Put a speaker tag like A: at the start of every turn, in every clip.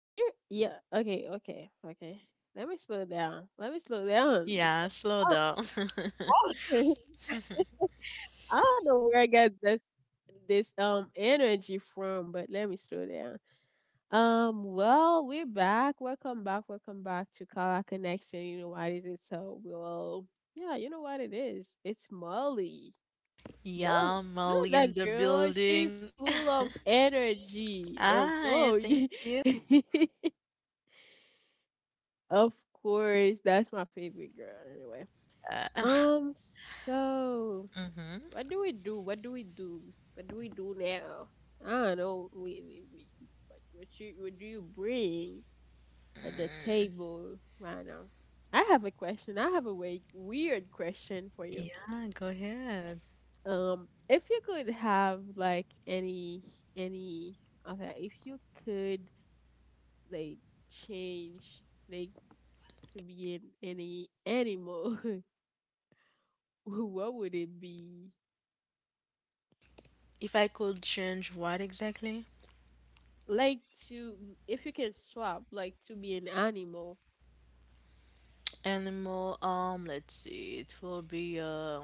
A: Can you? Yeah. Okay. Okay. Okay. Let me slow down. Let me slow down, because I don't know where I got this energy from, but let me slow down. Well, we're back. Welcome back. Welcome back to Color Connection. You know what is it? So, well, yeah. You know what it is? It's Molly. Mo, you know that girl, she's full of energy. Oh, Mo, of course, that's my favorite girl. Anyway,
B: Uh,
A: um, so what do we do? What do we do? What do we do now? I don't know. We, what do you bring on the table right now? I have a question. I have a weird question for you.
B: yeah, go ahead.
A: If you could have like any okay, if you could like change like to be in any animal, what would it be?
B: If I could change what exactly?
A: Like to if you can swap like to be an animal.
B: Animal, let's see, it will be,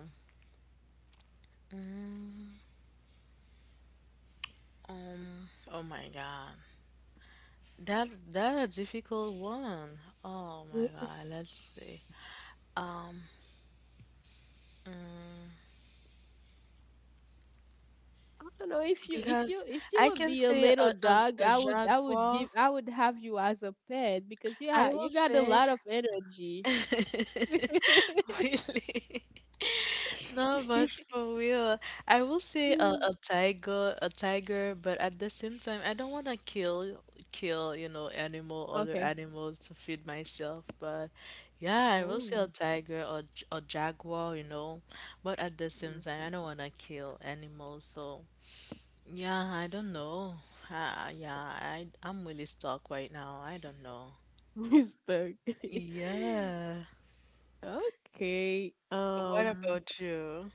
B: um, oh my God. That a difficult one. Oh my God, let's see. Um, mm,
A: I don't know if you if you
B: because
A: if you
B: I
A: would
B: can
A: be a
B: say
A: little
B: a, a,
A: dog,
B: a
A: I would I would
B: jaguar.
A: give I would have you as a pet because
B: I will
A: you got a
B: say,
A: lot of energy.
B: really? Not much for real, I will say a tiger, a tiger, but at the same time, I don't want to kill, you know, other
A: Okay.
B: animals to feed myself. But yeah, I will say a
A: Oh.
B: tiger or jaguar, you know, but at the same time, I
A: Mhm.
B: don't want to kill animals. So yeah, I don't know. Yeah, I'm really stuck right now. I don't know.
A: He's stuck.
B: Yeah.
A: Okay.
B: What about you?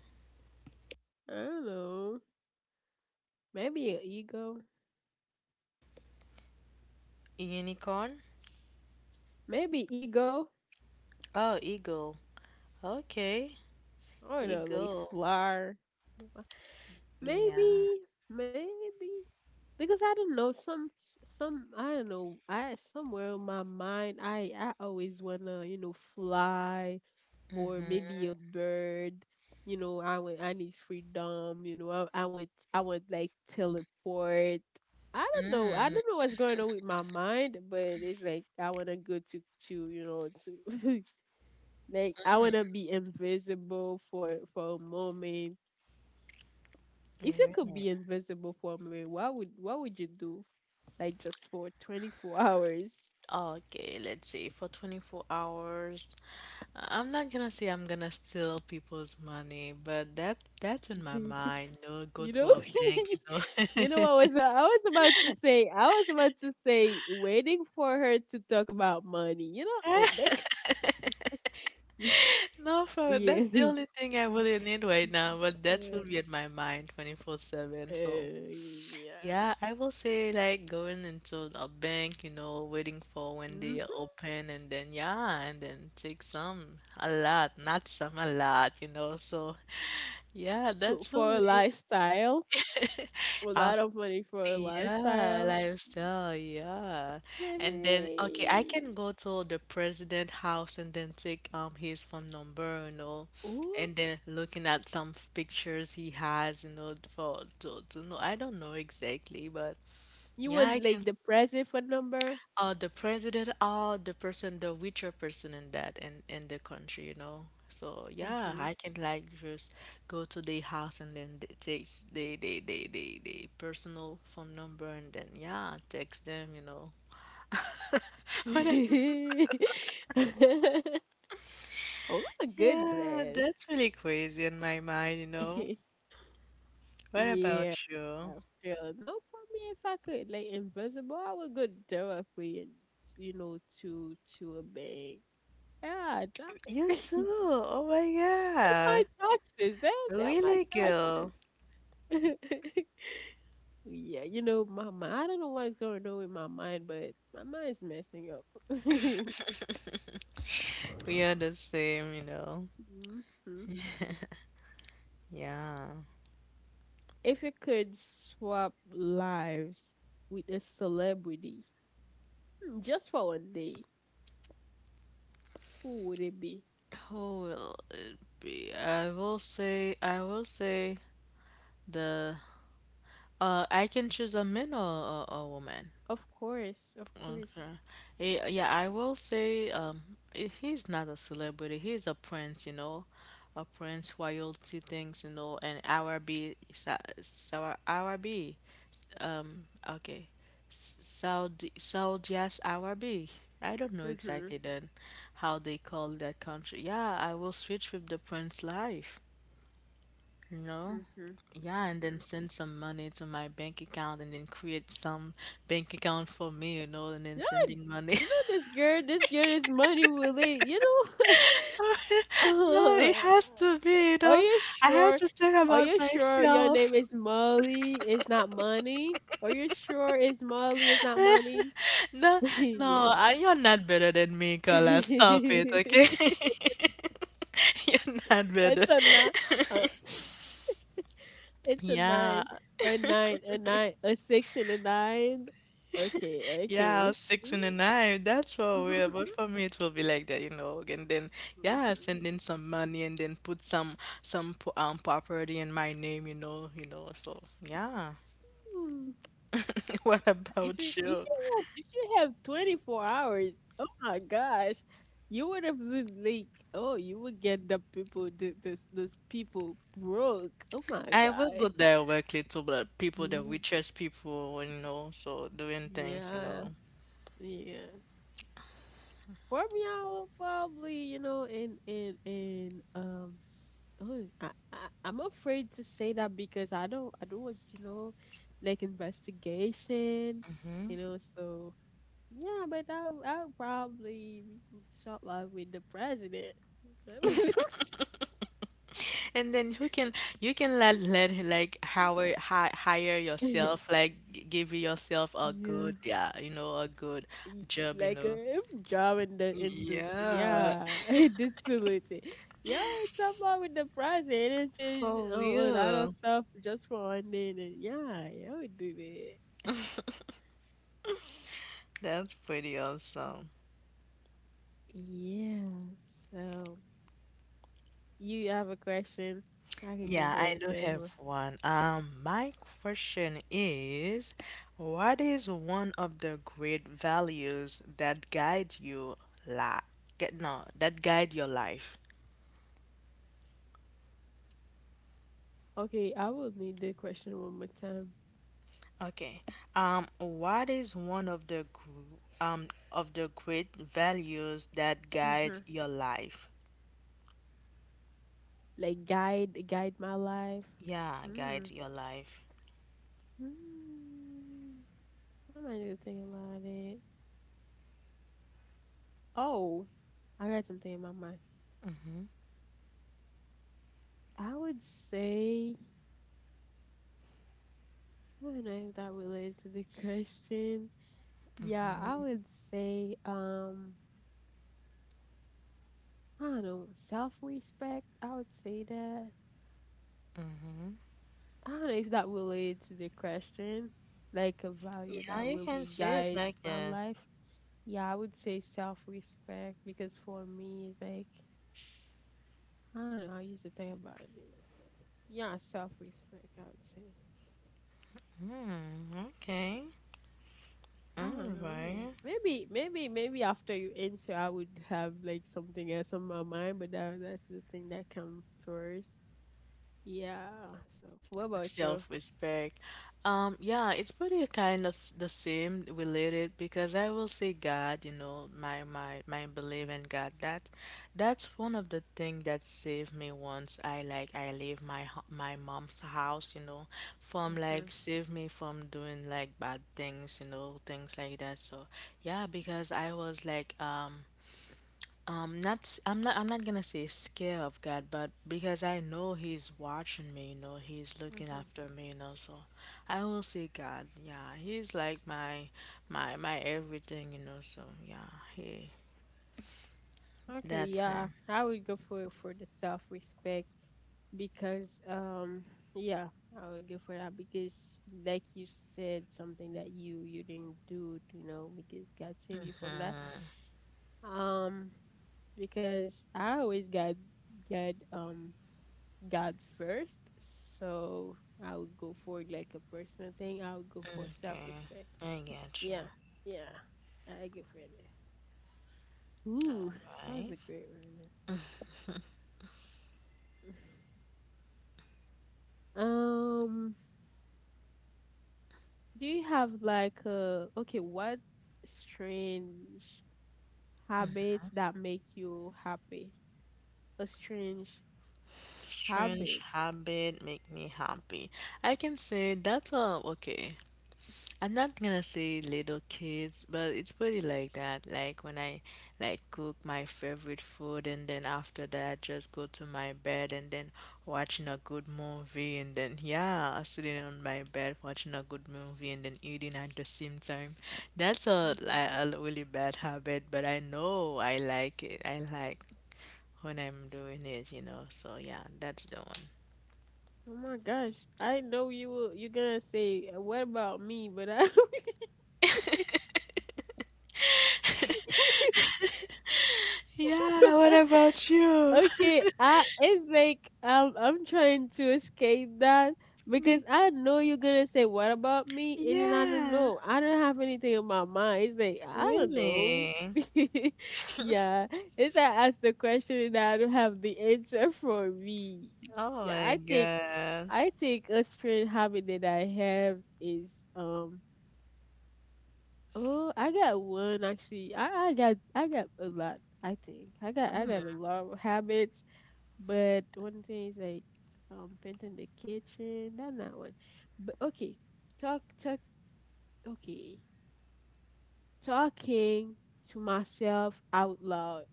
A: I don't know. Maybe an ego.
B: Unicorn?
A: Maybe ego.
B: Oh, eagle. Okay.
A: I don't
B: You
A: know, like
B: go.
A: flower.
B: Yeah.
A: Maybe, maybe, because I don't know some I don't know. I somewhere in my mind, I always wanna fly or maybe
B: Mm-hmm.
A: a bird. You know, I need freedom. You know, I want like teleport. I don't know. I
B: Mm.
A: don't know what's going on with my mind, but it's like I wanna go to you know to like I wanna be invisible for a moment. If you could
B: Really?
A: be invisible for a moment, what would you do? Like just for 24 hours.
B: Okay, let's see. For 24 hours, I'm not gonna say I'm gonna steal people's money, but that's in my mind. You know, go
A: You
B: to
A: know,
B: a bank, you know.
A: you know what was I was about to say? I was about to say waiting for her to talk about money. You know, oh, like, y-
B: No, for that's the
A: yeah,
B: only thing I really need right now, but that will
A: uh,
B: be in my mind 24/7. So
A: yeah.
B: yeah, I will say like going into a bank, you know, waiting for when they are
A: hmm
B: open and then yeah, and then take some a lot, not some a lot, you know. So yeah,
A: So
B: that's
A: for a
B: really
A: lifestyle, a lot
B: after
A: of money for a
B: yeah,
A: lifestyle.
B: lifestyle, yeah. And then okay, I
A: Hey,
B: can go to the president house and then take his phone number, you know,
A: oh,
B: and then looking at some pictures he has, you know, for to know I don't know exactly, but
A: you
B: yeah, I
A: want like
B: can
A: the present phone number?
B: The president or the person, the richer person in that in the country, you know. So yeah,
A: Mm-hmm.
B: I can like just go to their house and then they take they personal phone number and then yeah, text them, you know. When I-
A: Oh my
B: yeah,
A: goodness.
B: that's really crazy in my mind, you know. What about
A: Yeah,
B: you?
A: still look for me if I could like invisible. I would go directly and to a bank. Yeah,
B: You
A: that's
B: too. Oh my
A: my
B: God.
A: taxes. That's my
B: Really, girl.
A: taxes. Yeah, you know my mind. I don't know what's going on with my mind, but my mind's messing up.
B: We are the same, you know.
A: hmm
B: Yeah.
A: If you could swap lives with a celebrity just for one day, who would it be?
B: How will it be? I will say the I can choose a man or a woman.
A: Of course, of course.
B: Okay. Yeah, I will say he's not a celebrity. He's a prince, you know, a prince royalty things, you know, and Arabi, Arabi. Okay, Saudi, Saudi as Arabi. I don't know exactly
A: Mhm.
B: then how they call that country. Yeah, I will switch with the prince life. No.
A: Mhm.
B: Yeah, and then
A: Mhm.
B: send some money to my bank account and then create some bank account for me, you know, and then
A: Yeah,
B: sending money.
A: you know this girl. This girl is money willing. You know.
B: No, it has to be, you
A: Are
B: know.
A: you
B: I have
A: sure?
B: to think
A: Are
B: about
A: you sure your
B: myself.
A: name is Molly? It's not money. Are you sure it's Molly? It's not money.
B: No, no,
A: Yeah.
B: you're not better than me, Carla. Stop it, okay?
A: It's
B: You're not better.
A: a nine. Uh, it's a
B: Yeah.
A: nine. A nine. A nine. A six and a nine. Okay.
B: Yeah,
A: Okay.
B: six
A: Mm.
B: and a nine. That's for real. But for me, it will be like that, you know. And then, yeah, send in some money and then put some some property in my name, you know. So yeah.
A: Mhm.
B: What
A: If you
B: about
A: if
B: you?
A: you have, if you have 24 hours, oh my gosh, you would have been like, oh, you would get the people, the, this people broke. Oh my
B: I will
A: gosh.
B: go directly to the people, the
A: Mm.
B: richest people, you know. So doing things, you
A: Yeah,
B: know.
A: yeah. For me, I will probably, in. Oh, I'm afraid to say that because I don't want like investigation. So, yeah, but I would probably would start off with the president.
B: And then you can let like hire yourself, like give yourself a
A: Yeah.
B: good, yeah, you know, a good
A: Y-
B: job, you
A: like
B: know.
A: a job in the in this,
B: Yeah.
A: yeah, this solution. Yeah, it's about with the president and change
B: For
A: a lot of
B: real.
A: stuff just for one day and then, yeah, yeah, we do that.
B: That's pretty awesome.
A: Yeah. So you have a question? I can go
B: Yeah,
A: for
B: I
A: the
B: do
A: third
B: have
A: one.
B: one. My question is, what is one of the great values that guide you la get no, that guide your life?
A: Okay, I will need the question one more time.
B: Okay. What is one of the great values that guide your life?
A: Like guide my life.
B: Yeah,
A: Hmm.
B: guides your life.
A: Hmm. I might need to think about it. Oh, I got something in my mind. I would say I don't know if that related to the question. Yeah, I would say I don't know self respect. I would say that. I don't know if that related to the question. Like a value
B: Yeah,
A: that
B: you
A: really
B: can say it
A: guides
B: like
A: my
B: that.
A: life. Yeah, I would say self respect because for me it's like I don't know. I used to think about it. Yeah, self-respect. I would say.
B: Okay.
A: I
B: All
A: don't know, man.
B: right.
A: Maybe after you answer, I would have like something else on my mind. But that's the thing that comes first. Yeah. So, what about you?
B: Self-respect. Yeah, it's pretty kind of the same related because I will say God, you know, my belief in God. That's one of the thing that saved me once I like I leave my my mom's house, you know, from like
A: Mhm.
B: save me from doing like bad things, you know, things like that. So yeah, because I was like not I'm not I'm not gonna say scare of God but because I know he's watching me you know he's looking
A: Mhm.
B: after me you know so I will say God yeah he's like my my everything you know so yeah he
A: Okay.
B: that's
A: Yeah,
B: him.
A: I would go for the self-respect because yeah, I would go for that because like you said, something that you didn't do, because God saved you from that. Um, because I always got God first. So I would go for like a personal thing. I would go for self
B: Okay,
A: respect.
B: I get you.
A: Yeah, yeah, I get for that. Ooh,
B: All
A: that was
B: right.
A: a great one. um, do you have like a okay? what strange habits that make you happy? A strange
B: Strange
A: habit.
B: habit make me happy. I can say that's a okay. I'm not gonna say little kids, but it's pretty like that. Like when I like cook my favorite food and then after that just go to my bed and then watching a good movie and then yeah, sitting on my bed watching a good movie and then eating at the same time. That's a really bad habit, but I know I like it. I like when I'm doing it, you know. So yeah, that's the one.
A: Oh my gosh. I know you're gonna say what about me, but I
B: Yeah, what about you?
A: Okay, I it's like I'm trying to escape that because
B: Me-
A: I know you're gonna say what about me and then I don't
B: Yeah,
A: know. I don't have anything in my mind. It's like I don't know.
B: really?
A: Yeah. It's I ask the question and I don't have the answer for me.
B: Oh
A: Yeah,
B: my
A: I think
B: God.
A: I think a strange habit that I have is. Oh, I, got one actually. I got a lot. I think I got a lot of habits, but one thing is like painting the kitchen. Not that one. But okay, talk. Okay, talking to myself out loud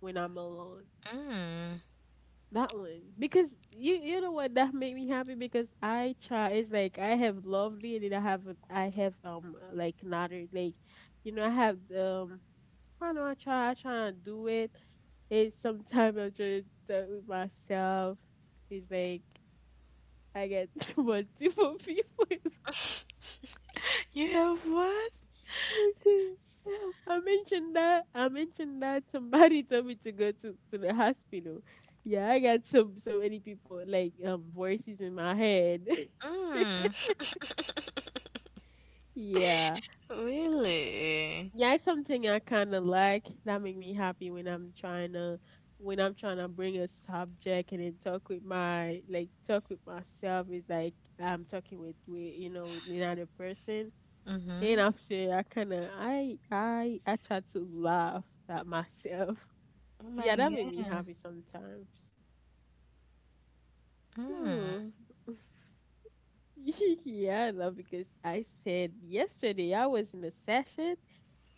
A: when I'm alone.
B: Mm.
A: That one because you know what that made me happy because I try. It's like I have lovely and then I have like another like I have I know I try to do it, and sometimes I try to talk with myself. It's like I get multiple people.
B: You have what?
A: It's like, okay, I mentioned that. I mentioned that somebody told me to go to the hospital. Yeah, I got so, so many people like voices in my head.
B: Mm.
A: Yeah.
B: Really?
A: Yeah, it's something I kind of like. That make me happy when I'm trying to bring a subject and then talk with my like talk with myself. It's like I'm talking with you know with another person,
B: Mm-hmm.
A: and after I kind of I try to laugh at myself.
B: Oh
A: Yeah,
B: my
A: that make me
B: God.
A: happy sometimes.
B: Mm.
A: Ooh. Yeah, I love because I said yesterday I was in a session.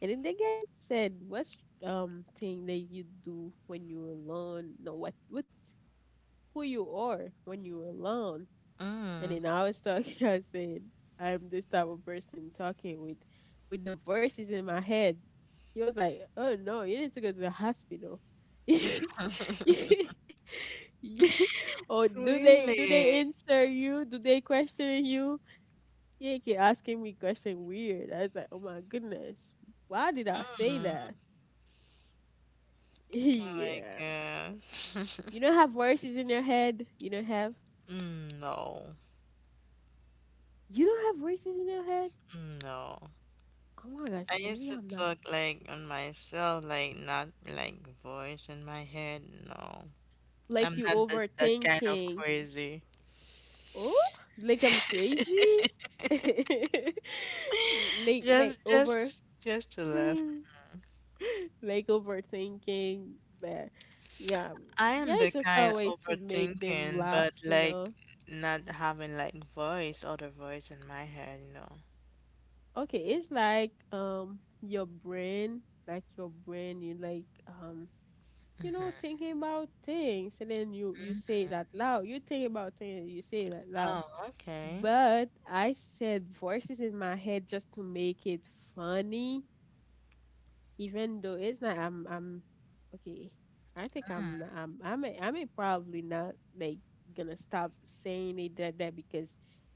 A: And then the guy said, "What's thing that you do when you're alone? No, what's who you are when you're alone?" And then I was talking. I said, "I'm this type of person talking with the voices in my head." He was like, "Oh no, you need to go to the hospital." You- or do they
B: Really?
A: answer you? Do they question you? Yeah, keep asking me question weird. I was like, oh my goodness, why did I say
B: Mm.
A: that?
B: Oh my
A: Yeah.
B: God.
A: You don't have voices in your head. You don't have.
B: Mm, no.
A: You don't have voices in your head.
B: Mm, no.
A: Oh my gosh,
B: I used
A: maybe
B: to
A: I'm not.
B: talk like on myself, like not like voice in my head. No.
A: Like
B: I'm
A: you
B: not that kind of
A: overthinking.
B: crazy.
A: Oh, like I'm crazy. like like over,
B: Just to laugh.
A: Hmm. Like overthinking. But yeah,
B: I
A: yeah,
B: am the
A: it's just a
B: kind
A: way to make them
B: overthinking,
A: laugh.
B: but
A: You
B: like
A: know.
B: not having like voice, other voice in my head, you know.
A: Okay, it's like your brain, like your brain. You like thinking about things, and then you
B: Hmm.
A: say it out loud. You think about things, and you say it out loud.
B: Oh, okay.
A: But I said voices in my head just to make it funny, even though it's not. I'm okay. I think I'm not- I may probably not like gonna stop saying it that because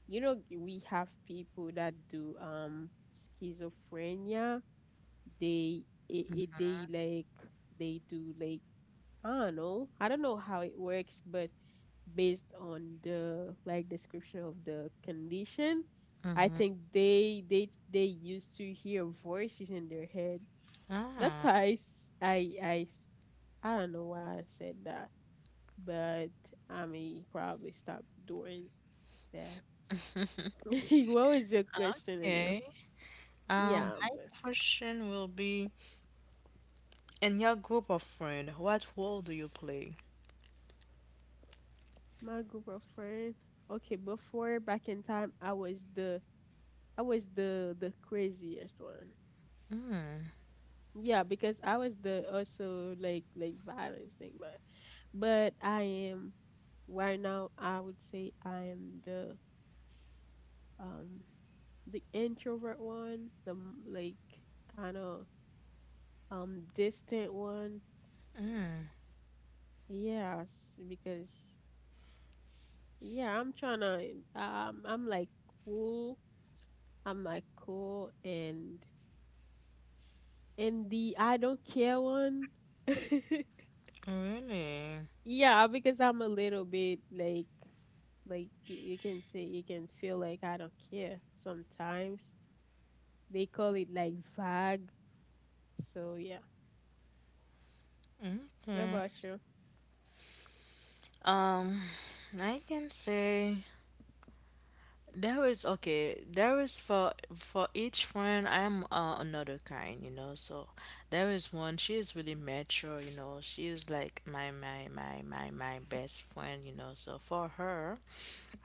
A: we have people that do schizophrenia. They it they like they do like I don't know. I don't know how it works, but based on the like description of the condition, I
B: Mm-hmm.
A: think they used to hear voices in their head. That's
B: Oh,
A: why I s- I don't know why I said that, but I mean probably stop doing that. What was your question in here?
B: okay.
A: Yeah,
B: My
A: but
B: question will be, in your group of friends, what role do you play?
A: my group of friends. Okay, before back in time, I was the I was the craziest one.
B: Mm,
A: Yeah, because I was the also like violence thing, but I am right now. I would say I am um the introvert one, the like kind of distant one. Yes, because yeah, I'm trying to. I'm like cool. I'm like cool and the I don't care one.
B: really?
A: Yeah, because I'm a little bit like you can say you can feel like I don't care sometimes. They call it like vague. So yeah, what about you?
B: Um, I can say there is okay. There is for each friend. I'm another kind, you know. So there is one. She is really mature, you know. She is like my my best friend, you know. So for her,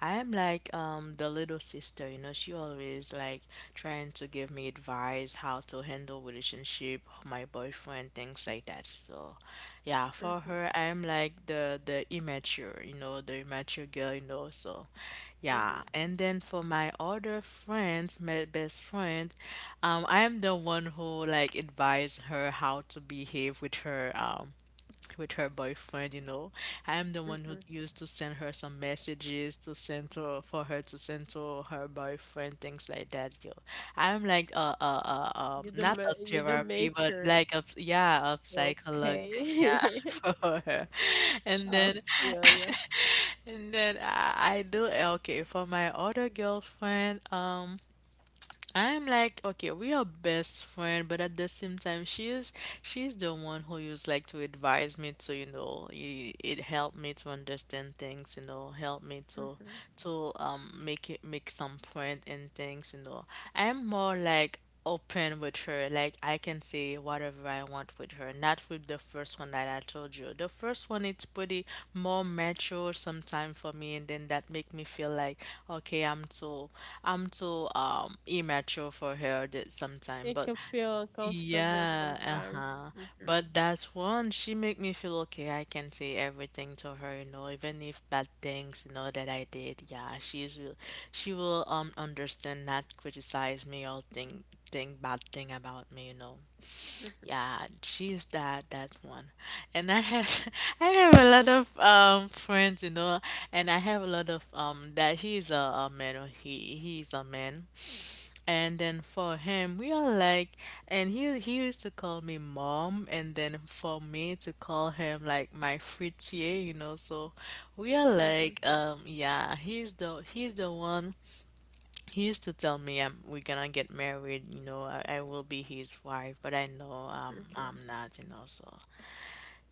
B: I am like the little sister, you know, she always like trying to give me advice how to handle relationship, my boyfriend, things like that. So yeah, for
A: Mhm,
B: her I am like the immature, you know, the immature girl, you know, so yeah.
A: mhm,
B: And then for my other friends, my best friend, I am the one who like advise her how to behave with her boyfriend, you know. I'm the one who
A: mhm.
B: used to send her some messages to send to for her to send to her boyfriend, things like that, yo. I'm like not a
A: You don't
B: therapy but
A: mature.
B: like a yeah, a psychologue thing, yeah,
A: Okay,
B: for her. And
A: I
B: then
A: feel you.
B: and then I do okay for my other girlfriend, I'm like, okay, we are best friend, but at the same time, she's the one who used like to advise me to, you know, it helped me to understand things, you know, help me to
A: Mm-hmm.
B: make it make some point in things, you know. I'm more like open with her. Like I can say whatever I want with her, not with the first one that I told you. The first one it's pretty more mature sometime for me, and then that make me feel like okay, I'm too immature for her that sometime.
A: It
B: But
A: can feel uncomfortable
B: yeah,
A: sometimes.
B: uh-huh.
A: Mm-hmm.
B: But that's one, she make me feel okay. I can say everything to her, you know, even if bad things, you know, that I did. Yeah, she will understand, not criticize me or think bad thing about me, you know. Yeah, she's that that one. And I have I have a lot of friends, you know, and I have a lot of that he's a man or he's a man and then for him, we are like, and he used to call me mom, and then for me to call him like my fritier, you know. So we are
A: Mm-hmm.
B: like, yeah, he's the one. He used to tell me, we're gonna get married, you know. I will be his wife, but I know
A: Okay.
B: I'm not, you know. So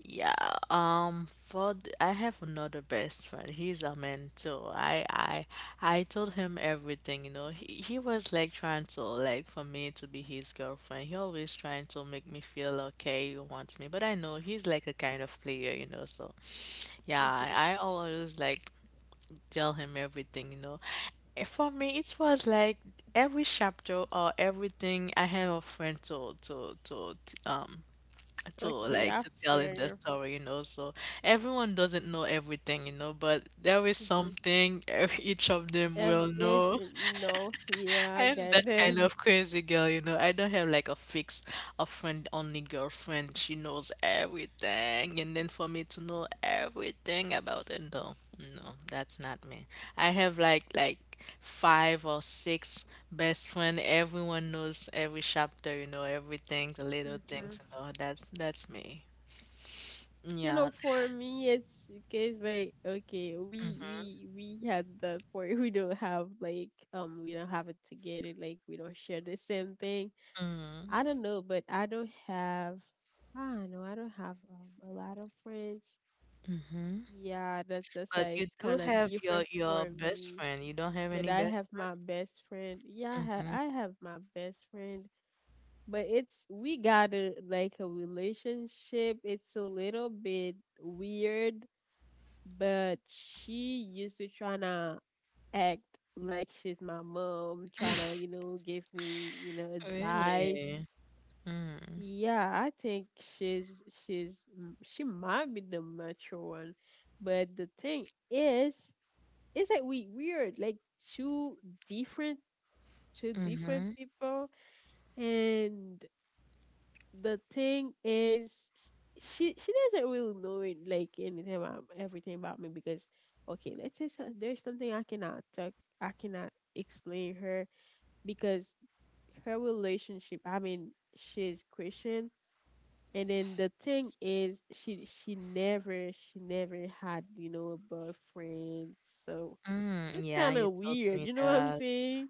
B: yeah, for I have another best friend. He's a man too. I told him everything, you know. He was like trying to like for me to be his girlfriend. He always trying to make me feel okay, he wants me. But I know he's like a kind of player, you know. So yeah,
A: Mm-hmm.
B: I always like tell him everything, you know. And for me, it was like every chapter or everything I have a friend to
A: Okay,
B: like
A: I
B: to tell in
A: feel
B: the
A: you.
B: story, you know. So everyone doesn't know everything, you know, but there is
A: Mm-hmm.
B: something each of them will
A: Every, if
B: know.
A: no, yeah,
B: I
A: I
B: am
A: get
B: that
A: this.
B: kind of crazy girl, you know. I don't have like a fixed, a friend only girlfriend. She knows everything, and then for me to know everything about it, no, no, that's not me. I have like five or six best friend. Everyone knows every chapter, you know, everything, the little
A: Mm-hmm.
B: things, you know. That's me.
A: You
B: Yeah.
A: know, for me, it's because like okay, we
B: Mm-hmm.
A: we we had that point. We don't have like we don't have it together. Like we don't share the same thing. I
B: Mm-hmm.
A: don't know, but I don't have. I don't know. I don't have a lot of friends.
B: Mm-hmm.
A: Yeah, that's
B: But
A: why
B: you
A: it's
B: do
A: kind of
B: have your
A: different
B: your
A: for
B: best
A: me.
B: friend. You don't have any
A: But I
B: best.
A: have my best friend. Yeah,
B: Mm-hmm.
A: I have my best friend, but it's we got a like a relationship. It's a little bit weird, but she used to tryna act like she's my mom, tryna, you know, give me, you know,
B: Really?
A: advice.
B: Mm.
A: Yeah, I think she might be the mature one, but the thing is that we weird like two different two different
B: Mm-hmm.
A: people, and the thing is she doesn't really know it like anything about everything about me. Because okay, let's say so, there's something I cannot talk, I cannot explain her because her relationship, I mean, she's Christian, and then the thing is she never had, you know, a boyfriend. So
B: Mm.
A: it's
B: Yeah,
A: kind
B: you
A: of
B: told
A: weird.
B: me
A: You know what I'm
B: that.
A: saying?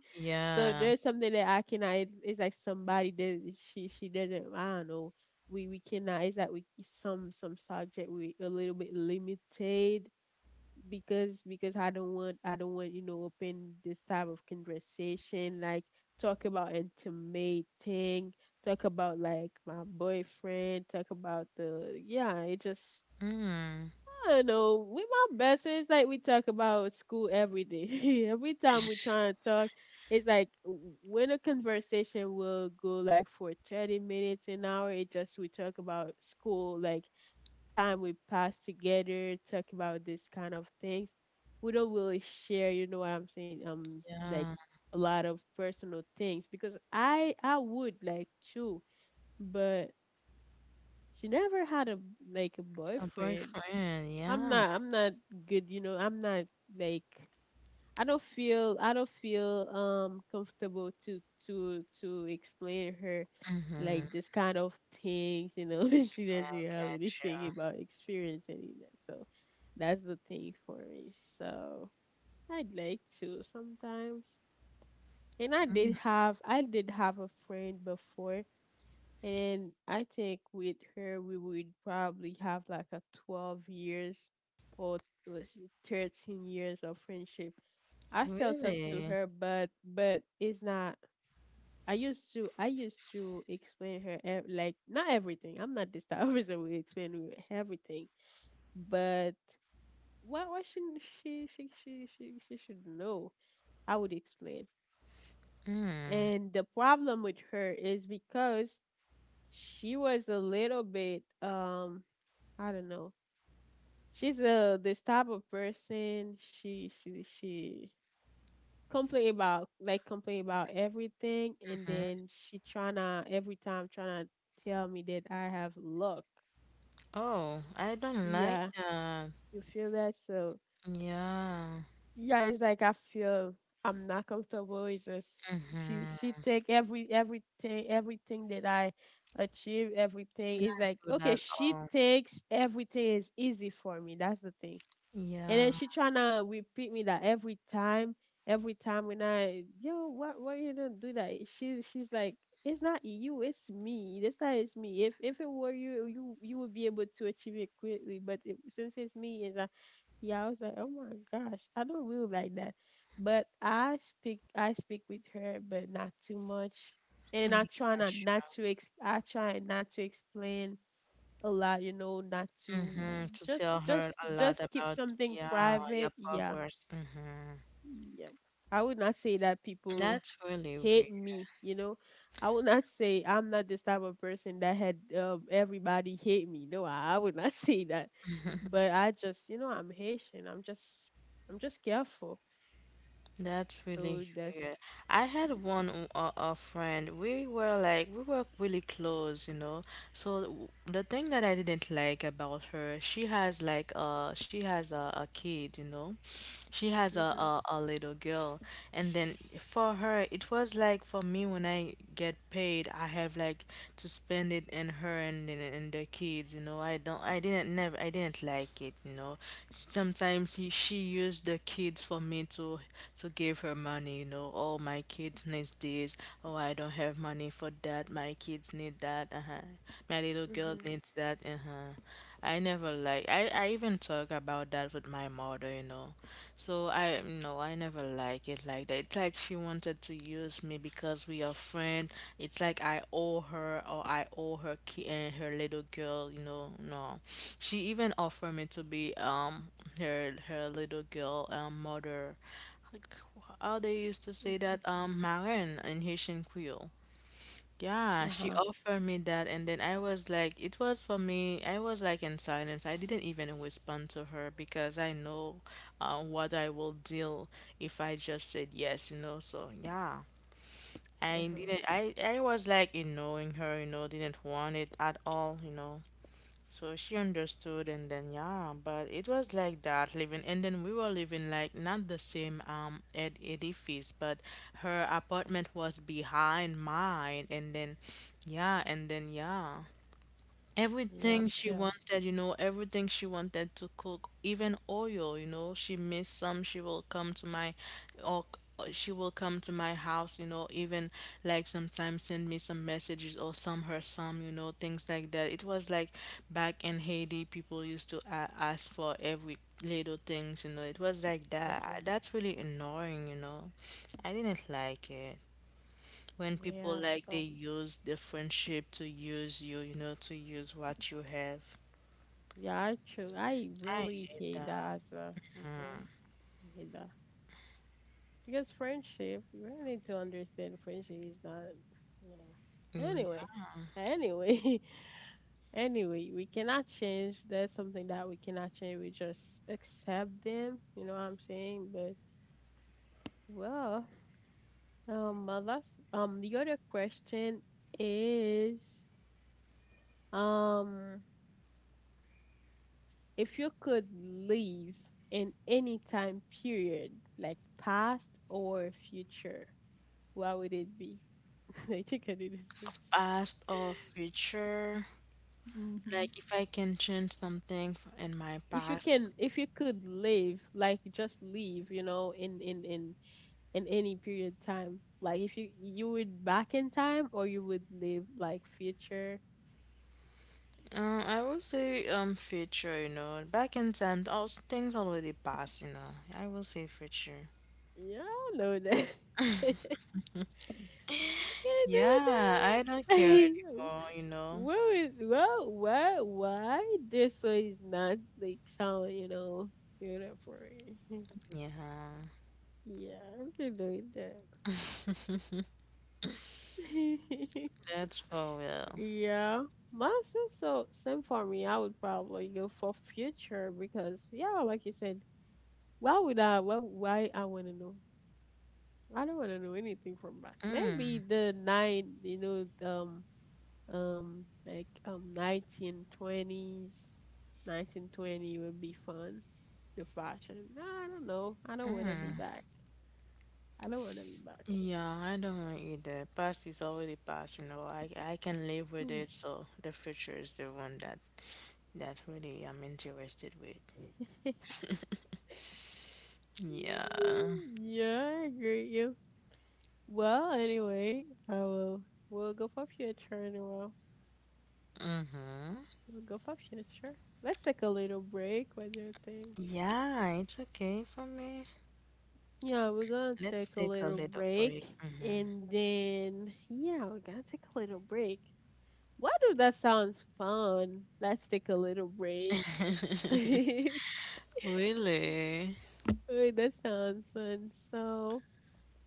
A: So
B: Yeah.
A: there's something that I cannot. It's like somebody does. She doesn't. I don't know. We cannot. It's like we some subject we a little bit limited because I don't want, you know, open this type of conversation like talk about intimate thing, talk about like my boyfriend, talk about the yeah, it just
B: Mm.
A: I don't know. We my best friends. Like we talk about school every day. Every time we try and talk, it's like when a conversation will go like for 30 minutes an hour. It just we talk about school, like time we pass together, talk about this kind of things. We don't really share. You know what I'm saying? Like
B: Yeah.
A: a lot of personal things because I would like too, but she never had a like a
B: A
A: boyfriend.
B: boyfriend. Yeah.
A: I'm not good, you know. I'm not like I don't feel comfortable to to explain her
B: Mm-hmm.
A: like this kind of things, you know. She
B: Yeah, I
A: doesn't have
B: got
A: anything
B: you.
A: about experience any of that. So that's the thing for me. So I'd like to sometimes. And
B: Mm.
A: I did have a friend before, and I think with her, we would probably have like a 12 years, or was it 13 years of friendship. I still talk to
B: Really?
A: her, but it's not. I used to explain her like not everything. I'm not this type of person who explain you everything, but why shouldn't she she should know? I would explain.
B: Mm.
A: And the problem with her is because she was a little bit I don't know. She's this type of person. She complain about like complain about everything, and
B: Mm-hmm.
A: then she tryna every time tryna tell me that I have luck.
B: Oh, I don't like
A: Yeah,
B: that.
A: you feel that? So
B: Yeah.
A: yeah, it's like I feel I'm not comfortable. It's just she
B: Mm-hmm.
A: she take everything everything that I achieve
B: It's
A: everything. It's
B: not
A: like
B: good
A: okay,
B: at
A: she
B: all.
A: takes everything is easy for me. That's the thing. And
B: Yeah.
A: then she tryna repeat me that every time when I yo, what why you don't do that? She she's like, it's not you, it's me. This time it's me. If it were you, you would be able to achieve it quickly. But it, since it's me, and I, yeah, I was like, oh my gosh, I don't really like that. But I speak with her, but not too much. And I
B: Mm,
A: try not
B: gotcha.
A: not to ex I try not to explain a lot, you know, not to
B: Mm-hmm. To
A: just
B: tell her
A: just
B: a lot
A: just keep
B: about
A: something
B: yeah your
A: private. Yeah.
B: progress. Mm-hmm.
A: Yeah. I would not say that people
B: That's really weird.
A: hate me, you know. I would not say I'm not this type of person that had everybody hate me. No, I would not say that. But I just, you know, I'm Haitian. I'm just careful.
B: That's
A: So
B: really
A: that's
B: weird. I had
A: yeah.
B: a friend. We were really close, you know. So the thing that I didn't like about her, she has like she has a kid, you know. She has a,
A: Mhm.
B: a a little girl, and then for her it was like for me when I get paid, I have like to spend it in her and the kids, you know. I don't I didn't never I didn't like it, you know. Sometimes she used the kids for me to give her money, you know, oh, my kids needs this, oh, I don't have money for that, my kids need that, uh-huh. My little girl
A: Mhm.
B: needs that, uh-huh. I never like I even talk about that with my mother, you know. So I never like it like that. It's like she wanted to use me because we are friends. It's like I owe her or I owe her her little girl, you know. No. She even offered me to be her little girl mother like, how they used to say
A: Mhm.
B: that, Maren in Haitian Creole. Yeah, she
A: Uh-huh.
B: offered me that, and then I was like, it was for me, I was like in silence. I didn't even respond to her because I know what I will deal if I just said yes, you know. So, yeah, I
A: Mhm.
B: didn't, I was like ignoring her, you know, didn't want it at all, you know. So she understood, and then yeah, but it was like that living, and then we were living like not the same edifice, but her apartment was behind mine, and then yeah, and then yeah.
A: Yeah,
B: Everything
A: I
B: she
A: feel.
B: wanted, you know, everything she wanted to cook, even oil, you know, she missed some. She will come to my, or she will come to my house, you know, even like sometimes send me some messages or some her some, you know, things like that. It was like back in Haiti, people used to a ask for every little things, you know. It was like
A: Mhm.
B: that. That's really annoying, you know. I didn't like it when people
A: Yeah,
B: like they
A: so
B: use the friendship to use you, you know, to use what you have.
A: yeah, I true. I
B: I
A: really
B: hate
A: hate
B: that.
A: that as well. Mm-hmm. I hate that because friendship. You really need to understand friendship is not. Yeah.
B: Mm.
A: Anyway, anyway, anyway, we cannot change. That's something that we cannot change. We just accept them. You know what I'm saying? But well, my last, the other question is, um, if you could live in any time period, like past or future, what would it be? I think I know this.
B: Past or future,
A: Mm-hmm.
B: like if I can change something in my
A: If you
B: past,
A: can, if you could live, like just live, you know, in any period time, like if you you would back in time, or you would live like future,
B: I would say future, you know, back in time, all things already passed, you know. I will say future.
A: yeah, I know that. I can do
B: Yeah, I don't care
A: that.
B: anymore, you know.
A: Where is well, why this one is not like sound, you know, beautiful.
B: Yeah,
A: Yeah, I'm gonna do that.
B: that's for real.
A: Yeah. Mine says so same for me. I would probably go for future because yeah, like you said, why I wanna know? I don't wanna know anything from past. Maybe
B: Mm,
A: the nine, you know, 1920s, 1920 would be fun, the fashion. Nah, I don't know,
B: mm.
A: I don't want to be back.
B: Yeah, I don't know either. Past is already past, you know. I can live with
A: Yeah.
B: it, so the future is the one that that really I'm interested with. Yeah.
A: Yeah, I agree with you. Well anyway, I will we'll go for future. In a while we'll go for future. Let's take a little break, what do you think?
B: Yeah, it's okay for me.
A: Yeah, we're gonna
B: Let's
A: take a
B: take a
A: little
B: little
A: break.
B: break. Mm-hmm.
A: And then we're gonna take a little break. Why do that sounds fun? Let's take a little break. Wait,
B: Really?
A: that sounds fun. So,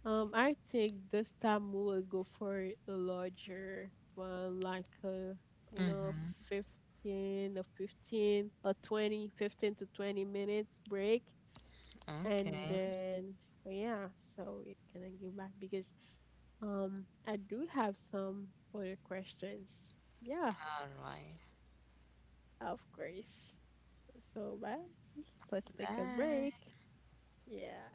A: I think this time we will go for a larger one, like a you know,
B: Mm-hmm.
A: 15 to 20 minutes break, and
B: Okay.
A: then yeah, so we can give back because I do have some other questions. Yeah,
B: All right.
A: of course. So bye. Let's take a break.
B: Bye.
A: Yeah.